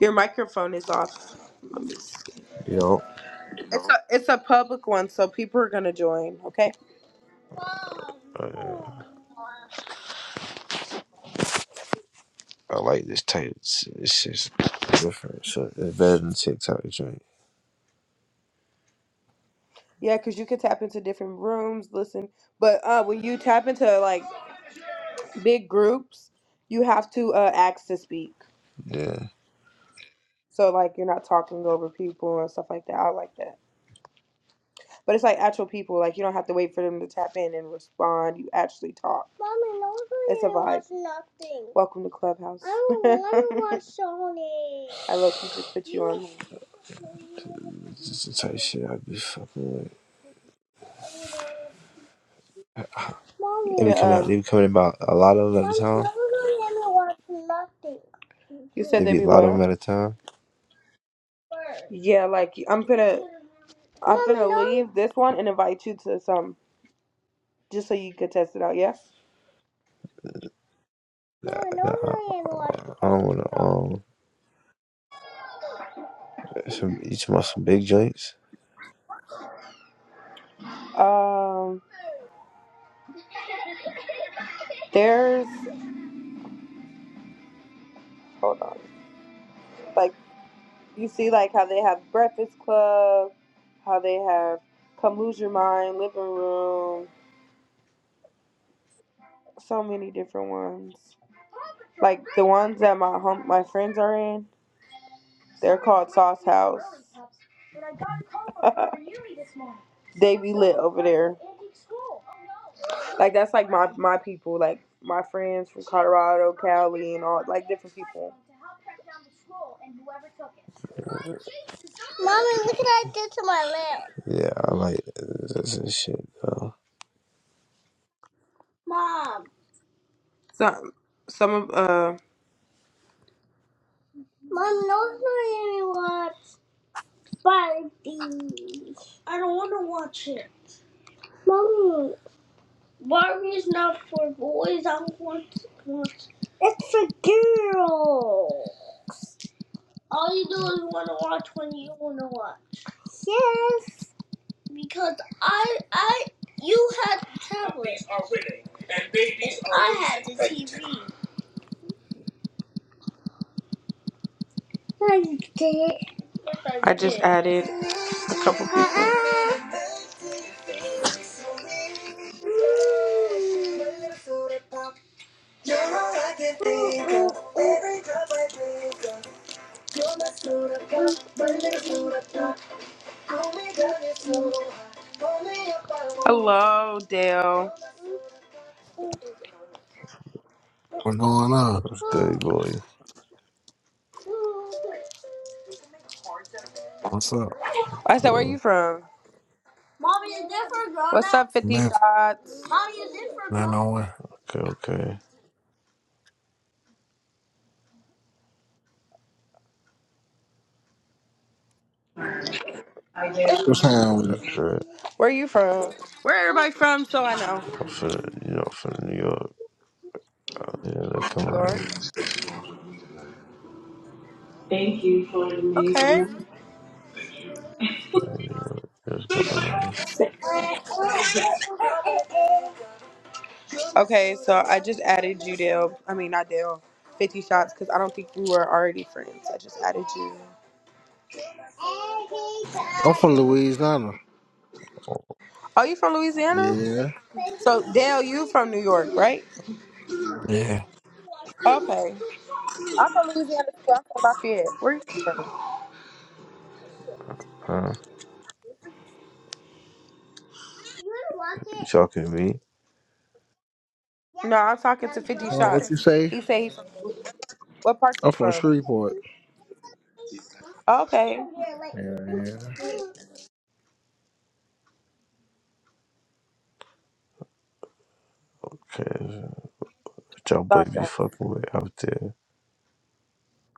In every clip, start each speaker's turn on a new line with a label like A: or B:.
A: Your microphone is off.
B: Yo,
A: It's a it's a public one, so people are gonna join. Okay.
B: uh, I like this type. It's, it's just different. So it's better than TikTok joint.
A: Yeah, because you can tap into different rooms, listen. But uh, when you tap into like big groups, you have to uh, ask to speak.
B: Yeah,
A: So like you're not talking over people and stuff like that. I like that. But it's like actual people. Like you don't have to wait for them to tap in and respond. You actually talk. Mommy, no, it's a vibe. nothing. Welcome to Clubhouse. I don't want to watch Sony. I look, you just put you on.
B: it's just the type of shit I be fucking with.
A: Mommy, You
B: They be
A: can
B: coming out.
A: um.
B: They be coming about a lot of them at a
A: Mommy, no,
B: time.
A: you let me watch nothing. You said
B: They
A: they
B: be a
A: be
B: lot of them
A: what?
B: at a time.
A: Birds. Yeah, like I'm gonna, I'm Mommy, gonna no. leave this one and invite you to some, just so you could test it out. Yeah.
B: Nah,
A: Mom, I
B: nah, I,
A: don't have a
B: I
A: lot
B: I don't want
A: of
B: to. Um, some you talking about some big joints.
A: Um, there's hold on, like you see, like how they have Breakfast Club, how they have Come Lose Your Mind, Living Room, so many different ones. Like the ones that my home, my friends are in. They're called Sauce House. they be lit over there. Like that's like my my people, like my friends from Colorado, Cali, and all like different people. Mommy, look what I did to my leg.
B: Yeah, I like this, this shit though.
A: Mom. Some some of uh. Mom, no, it's not anyone. Barbie. I don't want to watch it. Mommy. Barbie is not for boys. I want to watch. It's a girl. All you do is want to watch when you want to watch. Yes. Because I I you had the tablet. are winning, and babies and are I had the losing. TV. No, did. Yes, I, I did. just added a couple people. Hello, Dale.
C: What's going on?
B: That was good, boy.
C: What's up?
A: I said, where are
B: Uh,
A: you from? Mommy, is this for grown What's up, ups? 50
C: Smith?
A: Shots? Mommy, is this for
C: Nine
A: grown
C: oh one.
B: okay, okay.
D: Isaiah, What's happening
B: That was
D: with it?
B: good.
A: Where you from? Where everybody from? So I know.
B: I'm finna, you know, I'm finna New York. Yeah, look,
A: New
B: come
A: York.
B: on.
D: thank you for the
A: Okay.
D: amazing.
B: You know, what's going on?
A: Okay, so I just added you, Dale. I mean, not Dale. 50 Shots, because I don't think we were already friends. I just added you.
D: I'm from Louisiana.
A: Oh, you from Louisiana?
D: Yeah.
A: So, Dale, you from New York, right?
C: Yeah.
A: Okay. I'm from Louisiana, too. I'm from Lafayette. Where you from?
B: Huh? You talking to me?
A: Yeah, No, I'm talking to 50
D: Hold what you
A: Shots.
D: say?
A: He said he's from. What part you
D: I'm from
A: from?
D: Shreveport.
A: Okay.
D: Yeah, yeah.
B: Cause what y'all boy
A: Sorry,
B: be
A: guys.
B: fucking with out there.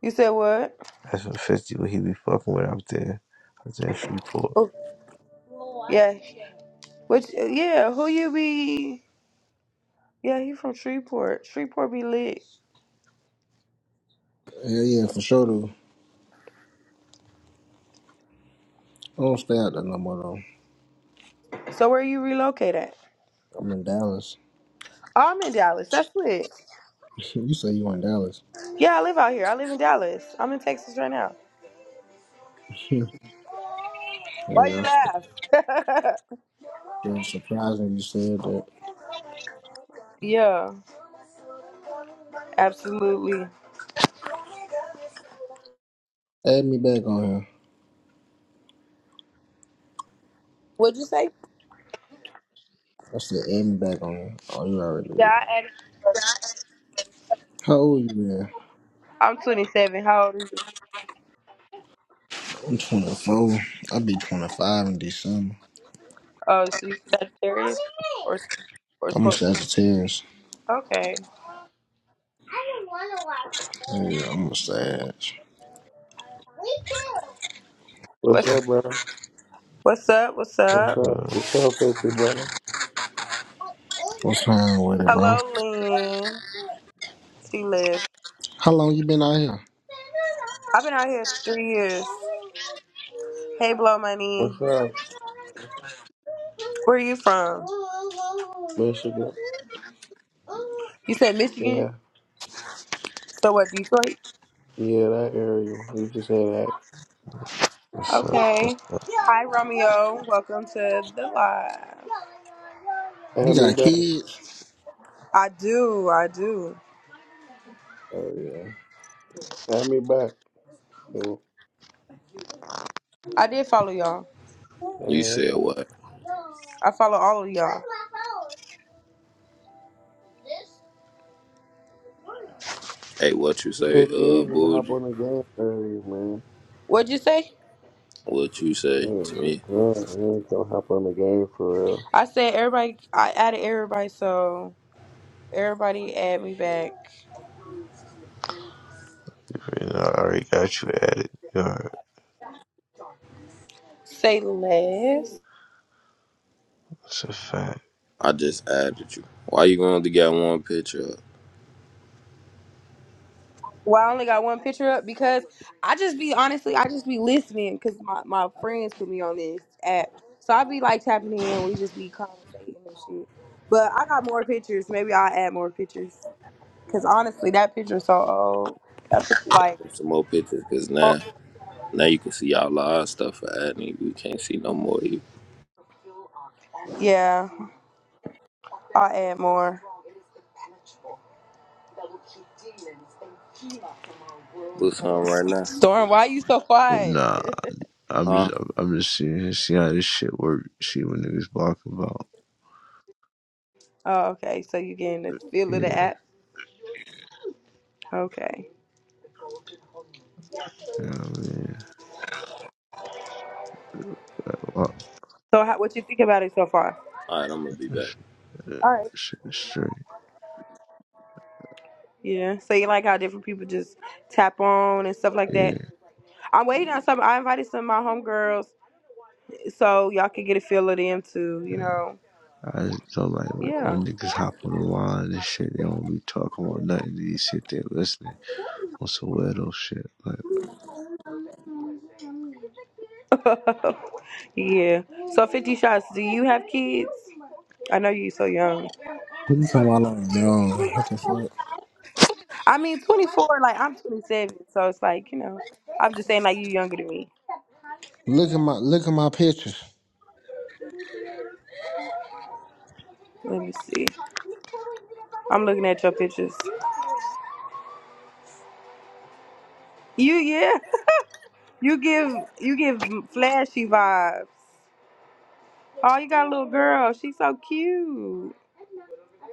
A: You said what?
B: That's what fifty what he be fucking with out there. Out there in Freeport.
A: Oh, yeah. Which? Yeah. Who you be? Yeah, he from Shreveport. Shreveport be lit.
D: Yeah, yeah, for sure, though. I don't stay out there no more, though.
A: So where you relocate at?
D: I'm in Dallas.
A: Oh, I'm in Dallas. That's lit.
D: you say you in Dallas.
A: Yeah, I live out here. I live in Dallas. I'm in Texas right now.
D: yeah,
A: Why you
D: that's
A: laugh?
D: that's surprising you said that.
A: yeah, absolutely.
D: Add me back on here.
A: What'd you say?
D: I said add me back on here. Oh, you already did.
A: Yeah,
D: it.
A: I added. you
D: How old you man?
A: I'm 27. How old are you?
D: I'm 24. I'll be 25 in December.
A: Oh, so you Sagittarius or Sc- or
D: I'm a
A: Scorpio?
D: Sagittarius.
A: Okay.
D: Yeah, I'm a Sag.
E: What's
A: What's
E: up, bro?
A: what's up? What's
E: What's
A: up?
E: up?
B: Uh,
E: What's up, 50, brother?
D: What's wrong with it, bro?
A: Hello, Lynn. She live.
D: How long you been out here?
A: I've been out here three years. Hey, blow money.
E: What's up,
A: Where are you from?
E: Michigan?
A: You said Michigan.
E: Yeah,
A: So what, Detroit?
E: yeah, that area. You should say that.
B: What's up? What's
A: Okay.
B: up?
A: Hi, Romeo. Welcome to the live.
D: You
E: Add me
D: got
E: back.
D: kids?
A: I do. I do.
D: Oh yeah.
E: Add me back.
A: I did follow y'all.
F: You
E: Uh,
F: said what?
A: I follow all of y'all.
F: Hey, what you say,
E: 50, you
F: uh,
E: ain't even hop
F: Bougie?
E: on the game earlier, man.
A: What'd you say?
F: What you say
E: You ain't
F: to
E: even-
F: me?
E: you ain't you ain't gonna hop on the game for real.
A: I said everybody. I added everybody, so everybody add me back.
B: You know, I already got you at it. You know,
A: Say less.
B: it's a fact.
F: I just added you. Why you gonna only got one picture up?
A: Well, I only got one picture up because I just be honestly, I just be listening because my, my friends put me on this app. So I be like tapping in, we just be conversating and shit. But I got more pictures. Maybe I'll add more pictures because honestly, that picture so old. That picture,
F: Yeah,
A: like,
F: add some more pictures, cause now,
A: oh,
F: now you can see all of our stuff for adding you. We can't see no more of you.
A: yeah, I'll add more.
F: Put some right now.
A: Storm, why you so quiet?
B: Nah, I'm
F: Huh?
B: just I'm, I'm just seeing see how this shit work. See what niggas block about.
A: oh, okay. So you getting the feel of
B: Yeah,
A: the app? Okay.
B: you know what I mean? Like, well,
A: So how, what you think about it so far?
F: Alright, I'm gonna be back.
B: uh,
A: All right.
B: shit straight.
A: Yeah. So you like how different people just tap on and stuff like
B: Yeah.
A: that. I'm waiting on some. I invited some of my homegirls so y'all can get a feel of them too. You know.
B: I just don't like when,
A: Yeah.
B: when niggas hop on the line and shit. They don't be talking about nothing. They just sit there listening on some weirdo shit. Like,
A: yeah. So Fifty Shots, do you have kids? I know you so young.
D: What you talking about long young? What the fuck?
A: I mean, 24. Like I'm 27, so it's like you know. I'm just saying, like you younger than me.
D: Look at my look at my pictures.
A: Let me see. I'm looking at your pictures. You yeah. You give you give flashy vibes. Oh, you got a little girl. She's so cute.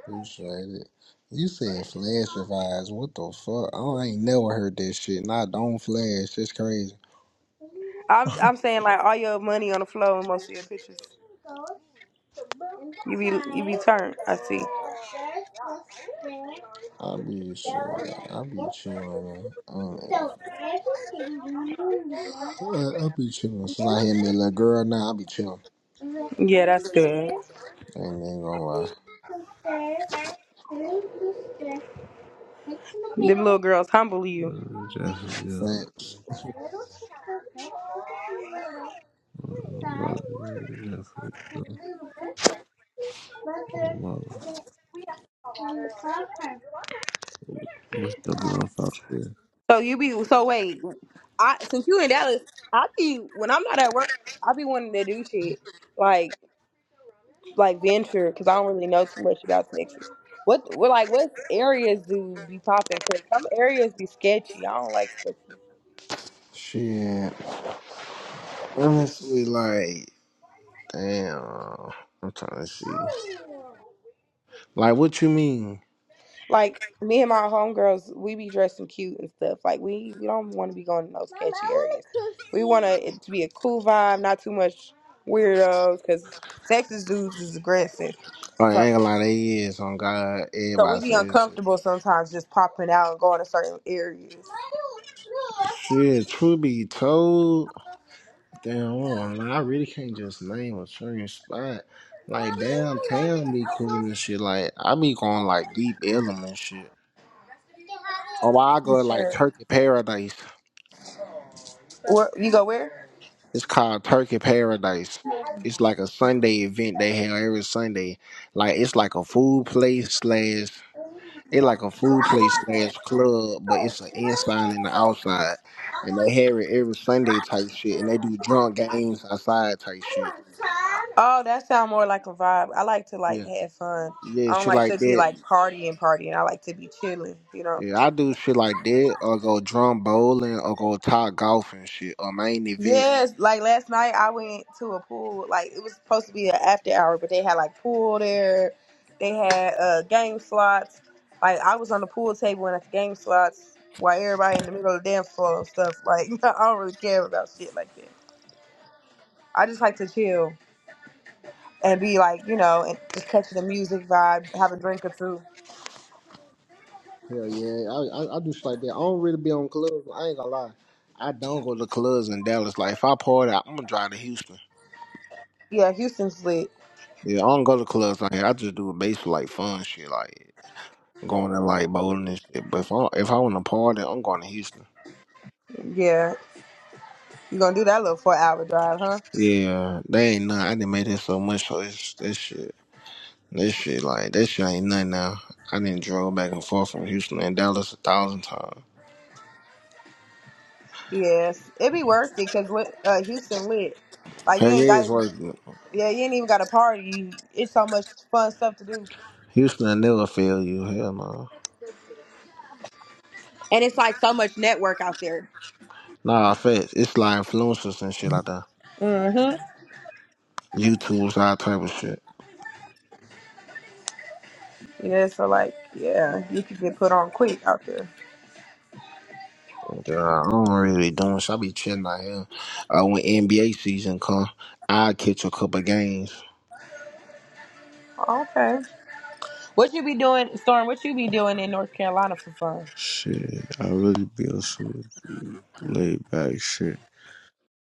D: Appreciate it. You said flash of eyes. What the fuck? I ain't never heard that shit. and I don't flash. That's crazy.
A: I'm I'm saying like all your money on the floor and most of your pictures. You be you be turned. I see.
D: I be shit. I be chilling. Man. I don't know. I I be chilling. Since I had me a little girl now, I be chilling.
A: Yeah, that's good.
D: ain't even gonna lie.
A: Them little girls humble
B: uh,
A: you.
B: definitely, yeah.
D: Facts.
B: Uh, definitely, yeah. Oh, mother. What's jumping off out there?
A: So you be so wait. I since you in Dallas, I be when I'm not at work, I be wanting to do shit like like venture because I don't really know too much about Texas. What what like what areas do be popping? Because some areas be sketchy. I don't like sketchy.
D: Shit. Honestly, like. Damn. I'm trying to see. Like, what you mean?
A: Like me and my homegirls, we be dressing cute and stuff. Like we we don't want to be going in those Mama, sketchy I wanna areas. cook We want to it to be a cool vibe, not too much weirdos, because Texas dudes is aggressive.
D: Like, I
A: So
D: ain't gonna lie, they is on God.
A: so we
D: Everybody
A: be
D: says shit.
A: uncomfortable sometimes just popping out and going to certain areas.
D: Shit, truth be told. Damn, I don't wanna lie, I really can't just name a certain spot. Like, downtown be cool and shit. Like, I be going, like, deep element shit. Or I
A: You
D: go to, like,
A: Sure.
D: Turkey Paradise.
A: Where, you go where?
D: It's called Turkey Paradise. It's like a Sunday event they have every Sunday. Like, it's like a food place slash They like a food place slash club, but it's an inside and the outside, and they have it every Sunday type shit, and they do drunk games outside type shit.
A: Oh, that sound more like a vibe. I like to like
D: Yeah,
A: have fun.
D: yeah,
A: I don't
D: shit
A: like
D: like
A: to be
D: that.
A: like partying, partying. I like to be chilling, you know.
D: Yeah, I do shit like that, or go drum bowling, or go top golf and shit, or main event.
A: Yes, like last night I went to a pool. Like it was supposed to be an after hour, but they had like pool there. They had uh game slots. Like I was on the pool table and at the game slots while everybody in the middle of the dance floor and stuff. Like I don't really care about shit like that. I just like to chill and be like, you know, and just catching the music vibe, have a drink or two.
D: Hell yeah, I, I I do shit like that. I don't really be on clubs. I ain't gonna lie, I don't go to clubs in Dallas. Like if I party, I'm gonna drive to Houston.
A: Yeah, Houston's lit.
D: Yeah, I don't go to clubs like here. I just do it basically like fun shit, like. going to like bowling and shit. But if I if I want to party, I'm going to Houston.
A: Yeah, you gonna do that little four hour drive, huh?
D: Yeah, they ain't nothing. I didn't make this so much. So it's this shit, this shit like that shit ain't nothing now. I didn't drove back and forth from Houston and Dallas a thousand times.
A: Yes, it'd be worth it because uh, Houston lit. Like
D: Hell
A: you
D: yeah,
A: ain't
D: it's
A: got
D: like
A: Yeah, you ain't even got a party. It's so much fun stuff to do.
D: Houston. I never fail you. Hell no.
A: And it's like so much network out there.
D: Nah, facts. It's like influencers and shit like that.
A: Mm-hmm.
D: YouTube's all type of shit.
A: Yeah, so like, yeah, you could get put on quick out there.
D: Yeah, I don't really be doing shit. I be chilling out here. Uh, when NBA season come, I catch a couple games.
A: Okay. What you be doing, Storm? What you be doing in North Carolina for fun?
B: Shit, I really be on some laid back shit.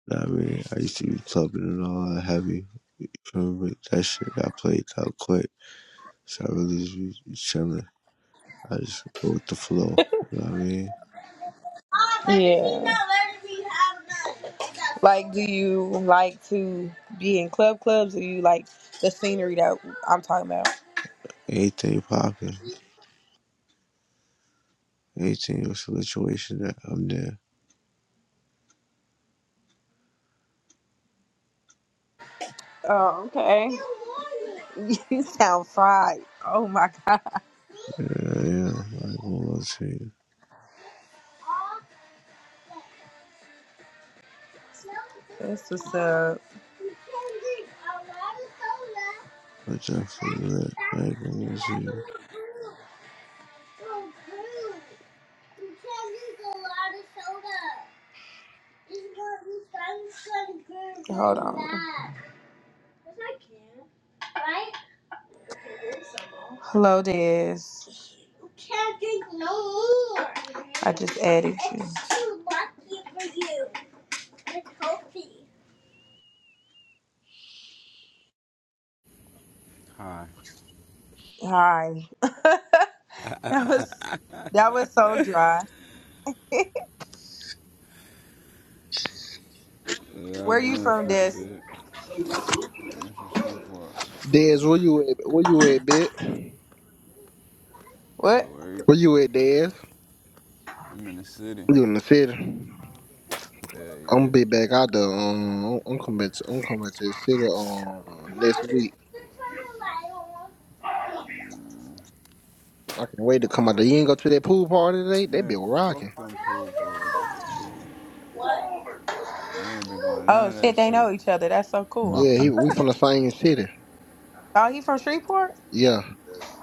B: Know what I mean, I used to be clubbing and all that heavy. You feel me? That shit got played out quick. So I really just be chilling. I just go with the flow. You know what I mean?
A: Yeah. Like, do you like to be in club clubs, or you like the scenery that I'm talking about?
B: Anything popping. Anything a situation that I'm there.
A: Oh, okay. You sound fried. Oh my god.
B: Yeah, yeah. I ain't gonna lie to you.
A: That's what's up.
B: I definitely lit. I ain't gonna lie to you.
A: Hold on. Hello, Des. I just added you. It's too lucky for you. It's healthy.
G: Hi.
A: Hi. that was that was so dry.
G: Yeah, I
A: Where are you
G: go and
A: from,
G: fit the
A: Des?
G: bed. I'm from Shreveport.
D: Dez, where you at? Where you at, bitch?
G: At
A: What?
G: work.
D: Where you at, Daz?
G: I'm in the city.
D: You in the city? I'm
G: Yeah, yeah.
D: gonna be back out there. Um, I'm I'm coming. back. To, I'm coming back to the city um next week. I can't wait to come out there. You ain't go to that pool party today? They
G: Man,
D: be
G: fuck
D: rocking.
G: them pool boys. I ain't been going to
A: Oh
G: none of that
A: shit, they
G: shit.
A: know each other. That's so cool.
D: Yeah,
B: Mm-hmm.
D: he, we from the same city.
A: Oh, he from Shreveport?
D: Yeah.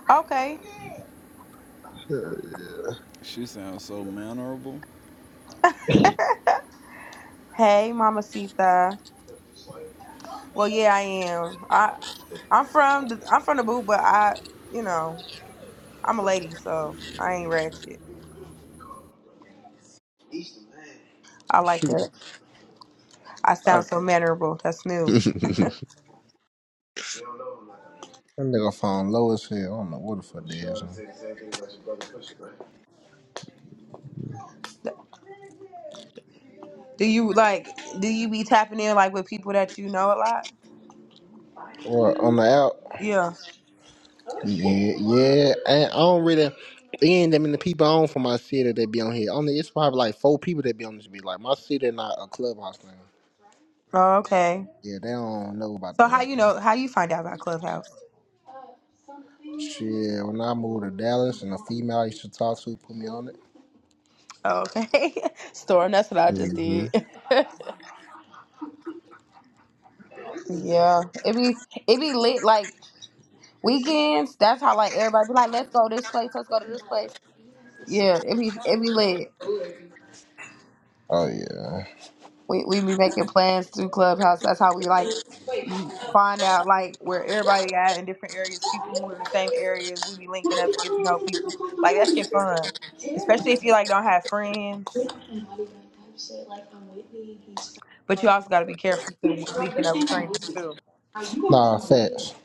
A: Okay.
G: She sounds so mannerable.
A: Hey, Mama Sita. Well, yeah, I am. I I'm from the, I'm from the boot, but I, you know, I'm a lady, so I ain't ratchet. I like
D: Shoot.
A: that. I
D: I, that
A: sound so mannerable. That's new.
D: nigga phone low as hell. I don't know what the fuck that is.
B: mm-hmm.
A: Do you like? Do you be tapping in like with people that you know a lot?
D: Or on the out.
A: Yeah.
D: Yeah, yeah. And I don't really. It ain't that many people on from my city that be on here. Only it's probably like four people that be on this. Be like my city, not a clubhouse now.
A: Oh, okay.
D: Yeah, they don't know about
A: So
D: that
A: how
D: right
A: you
D: now.
A: know? How you find out about Clubhouse?
D: Shit, when I moved to Dallas and the female I used to talk to put me on it.
A: Oh, okay. Storm. That's what I just did. Yeah, it be it be lit like weekends. That's how like everybody be like, let's go this place, let's go to this place. Yeah, it be it be lit.
D: Oh yeah.
A: We we be making plans through Clubhouse. That's how we like m- find out like where everybody at in different areas. People who in the same area, we be linking up to get to know people. Like that shit fun, especially if you like don't have friends. But you also got to be careful to linking up with strangers too.
D: Nah, facts.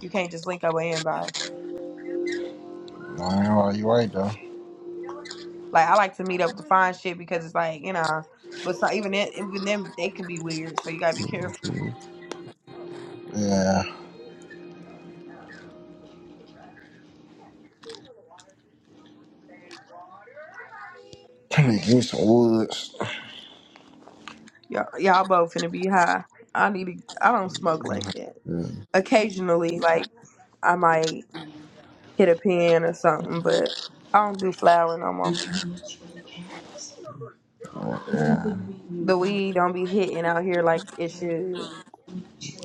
A: You can't just link up with anybody.
D: Nah, well, you right though.
A: Like I like to meet up to find shit because it's like you know, but so even then, even them they can be weird. So you gotta be careful.
B: Mm-hmm.
D: Yeah. I give me some woods.
A: Y'all, y'all both finna be high. I need to. I don't smoke like that.
B: Yeah,
A: Occasionally, like I might hit a pen or something, but I don't do flower no more. The weed don't be hitting out here like it should.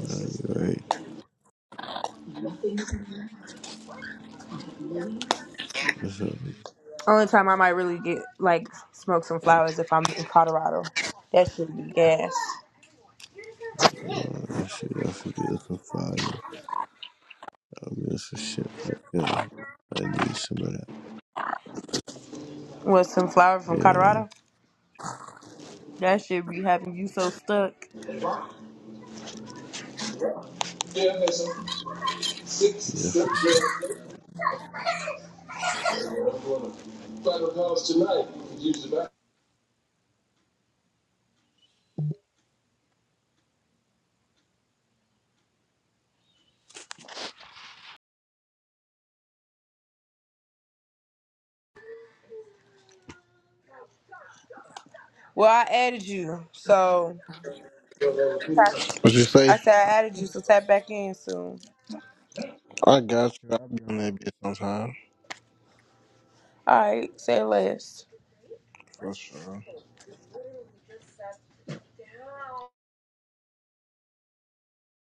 B: no, you're right.
D: Yeah. What
B: That's a,
A: Only time I might really get like smoke some flowers if I'm in Colorado. That should be gas.
B: no, that shit, y'all should be looking fire. I mean, that's some shit right there. I need some of that.
A: What some flower from
B: Yeah,
A: Colorado? That should be having you so stuck.
B: definitely.
A: Well, I added you, so
D: you say?
A: I said I added you, so tap back in soon.
D: I got you. I'll be on that bitch sometime.
A: All right, say less.
D: For sure.